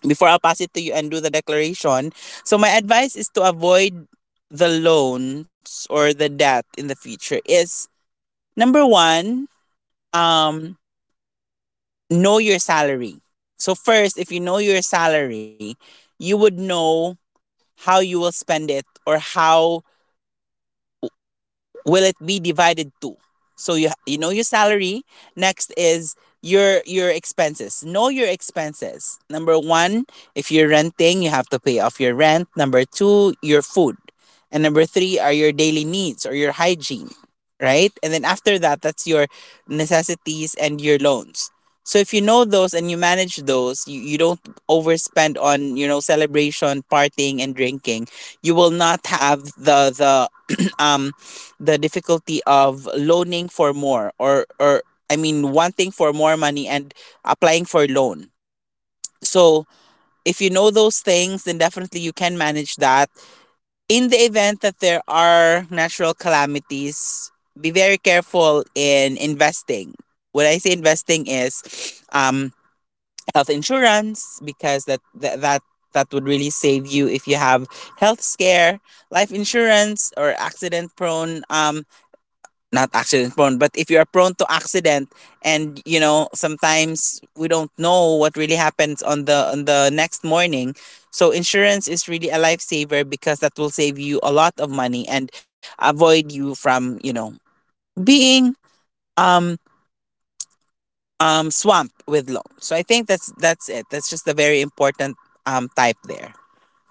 Speaker 2: before I'll pass it to you and do the declaration. So my advice is to avoid the loans or the debt in the future is number one, um, know your salary. So first, if you know your salary, you would know how you will spend it, or how will it be divided to? So you you know your salary. Next is your your expenses. Know your expenses. Number one, if you're renting, you have to pay off your rent. Number two, your food. And number three are your daily needs or your hygiene. Right? And then after that, that's your necessities and your loans. So if you know those and you manage those, you, you don't overspend on, you know, celebration, partying and drinking, you will not have the the [clears throat] um the difficulty of loaning for more, or or I mean, wanting for more money and applying for loan. So if you know those things, then definitely you can manage that. In the event that there are natural calamities, be very careful in investing. When I say investing is, um, health insurance, because that, that that that would really save you if you have health scare, life insurance, or accident prone, um, not accident prone, but if you are prone to accident, and you know, sometimes we don't know what really happens on the on the next morning. So insurance is really a lifesaver, because that will save you a lot of money and avoid you from, you know, being um um swamped with loans. So I think that's that's it. That's just a very important um type there.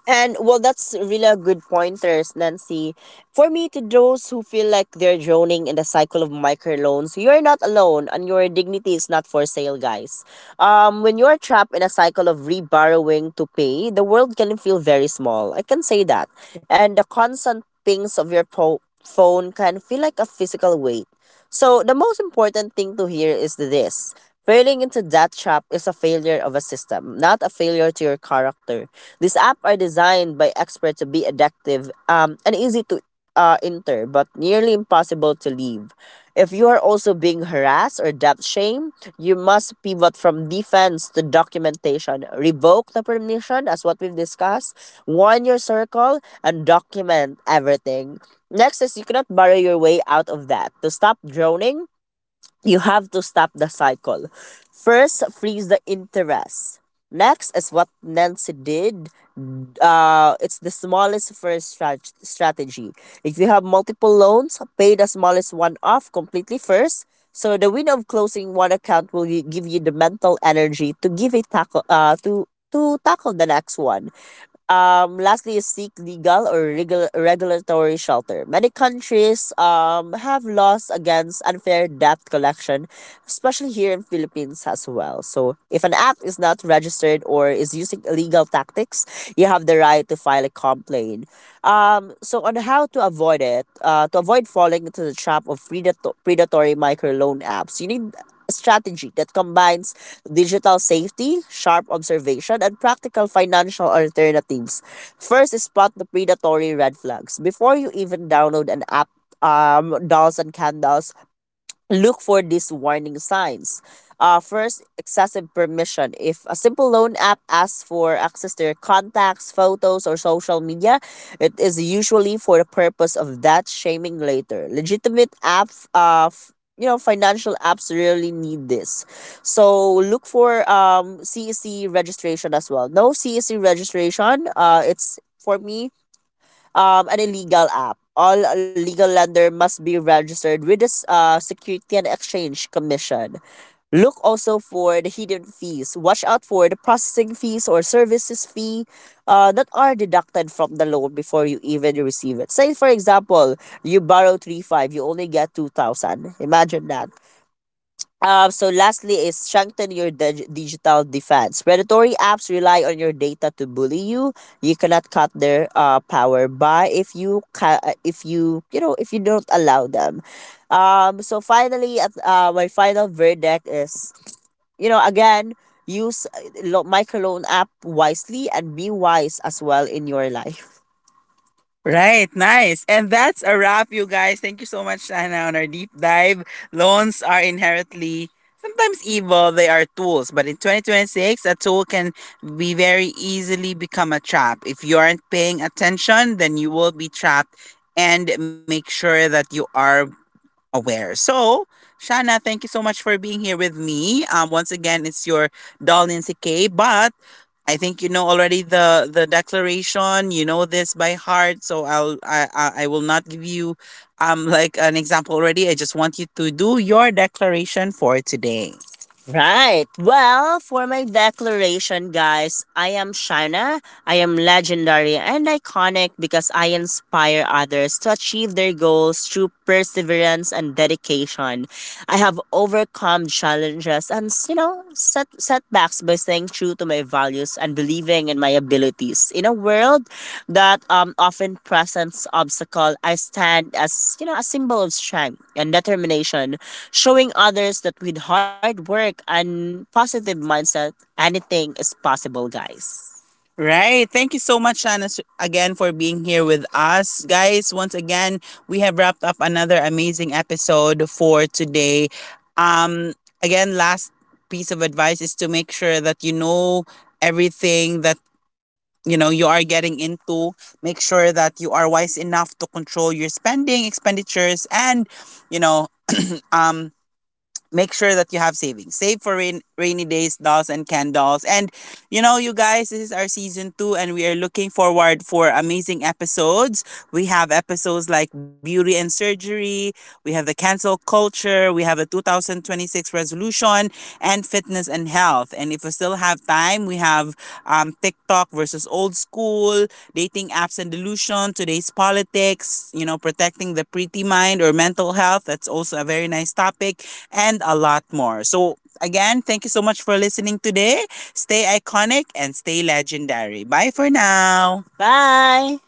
Speaker 2: And well, that's really a good pointers, Nancy. For me, to those who feel like they're drowning in the cycle of microloans, you're not alone, and your dignity is not for sale, guys. Um, when you're trapped in a cycle of reborrowing to pay, the world can feel very small. I can say that, and the constant pings of your po- phone can feel like a physical weight. So the most important thing to hear is this: failing into that trap is a failure of a system, not a failure to your character. These apps are designed by experts to be addictive, um, and easy to uh, enter, but nearly impossible to leave. If you are also being harassed or depth shamed, you must pivot from defense to documentation. Revoke the permission, as what we've discussed, warn your circle, and document everything. Next is you cannot borrow your way out of that. To stop droning, you have to stop the cycle. First, freeze the interest. Next is what Nancy did. Uh, it's the smallest first strat- strategy. If you have multiple loans, pay the smallest one off completely first. So the win of closing one account will gi- give you the mental energy to give it tackle uh to to tackle the next one. Um, lastly is seek legal or regul- regulatory shelter. Many countries um, have laws against unfair debt collection, especially here in Philippines as well. So if an app is not registered or is using illegal tactics, you have the right to file a complaint. Um, so on how to avoid it, uh, to avoid falling into the trap of predato- predatory microloan apps, you need a strategy that combines digital safety, sharp observation, and practical financial alternatives. First, is spot the predatory red flags. Before you even download an app, um, dolls and candles, look for these warning signs. Uh, first, excessive permission. If a simple loan app asks for access to your contacts, photos, or social media, it is usually for the purpose of that shaming later. Legitimate app, uh, f- you know, financial apps really need this. So look for um C E C registration as well. No C E C registration. Uh, it's for me um, an illegal app. All legal lender must be registered with the s- uh, Security and Exchange Commission. Look also for the hidden fees. Watch out for the processing fees or services fee uh, that are deducted from the loan before you even receive it. Say, for example, you borrow three point five, you only get two thousand. Imagine that. Um, so lastly is strengthen your dig- digital defense. Predatory apps rely on your data to bully you. You cannot cut their uh, power by if you ca- uh, if you you know if you don't allow them. Um, so finally, at uh, my final verdict is you know again use uh, lo- microloan app wisely and be wise as well in your life. Right, nice. And that's a wrap, you guys. Thank you so much, Sana, on our deep dive. Loans are inherently sometimes evil, they are tools. But in twenty twenty-six, a tool can be very easily become a trap. If you aren't paying attention, then you will be trapped. And make sure that you are aware. So, Shana, thank you so much for being here with me. Um, once again, it's your doll Nancy K. But I think you know already the the declaration. You know this by heart. So I'll I I, I will not give you um like an example already. I just want you to do your declaration for today. Right. Well, for my declaration, guys, I am Shaina. I am legendary and iconic because I inspire others to achieve their goals through perseverance and dedication. I have overcome challenges and, you know, set setbacks by staying true to my values and believing in my abilities. In a world that um, often presents obstacle, I stand as, you know, a symbol of strength and determination, showing others that with hard work and positive mindset, anything is possible, guys. Right. Thank you so much, Shanna, again for being here with us. Guys, once again, we have wrapped up another amazing episode for today. Um, again, last piece of advice is to make sure that you know everything that you know you are getting into. Make sure that you are wise enough to control your spending, expenditures, and, you know, make sure that you have savings. Save for rain, rainy days, dolls, and candles. And, you know, you guys, this is our season two, and we are looking forward for amazing episodes. We have episodes like beauty and surgery. We have the cancel culture. We have the two thousand twenty-six resolution and fitness and health. And if we still have time, we have um, TikTok versus old school, dating apps and delusion, today's politics. You know, protecting the pretty mind or mental health. That's also a very nice topic and a lot more. So, again, thank you so much for listening today. Stay iconic and stay legendary. Bye for now. Bye.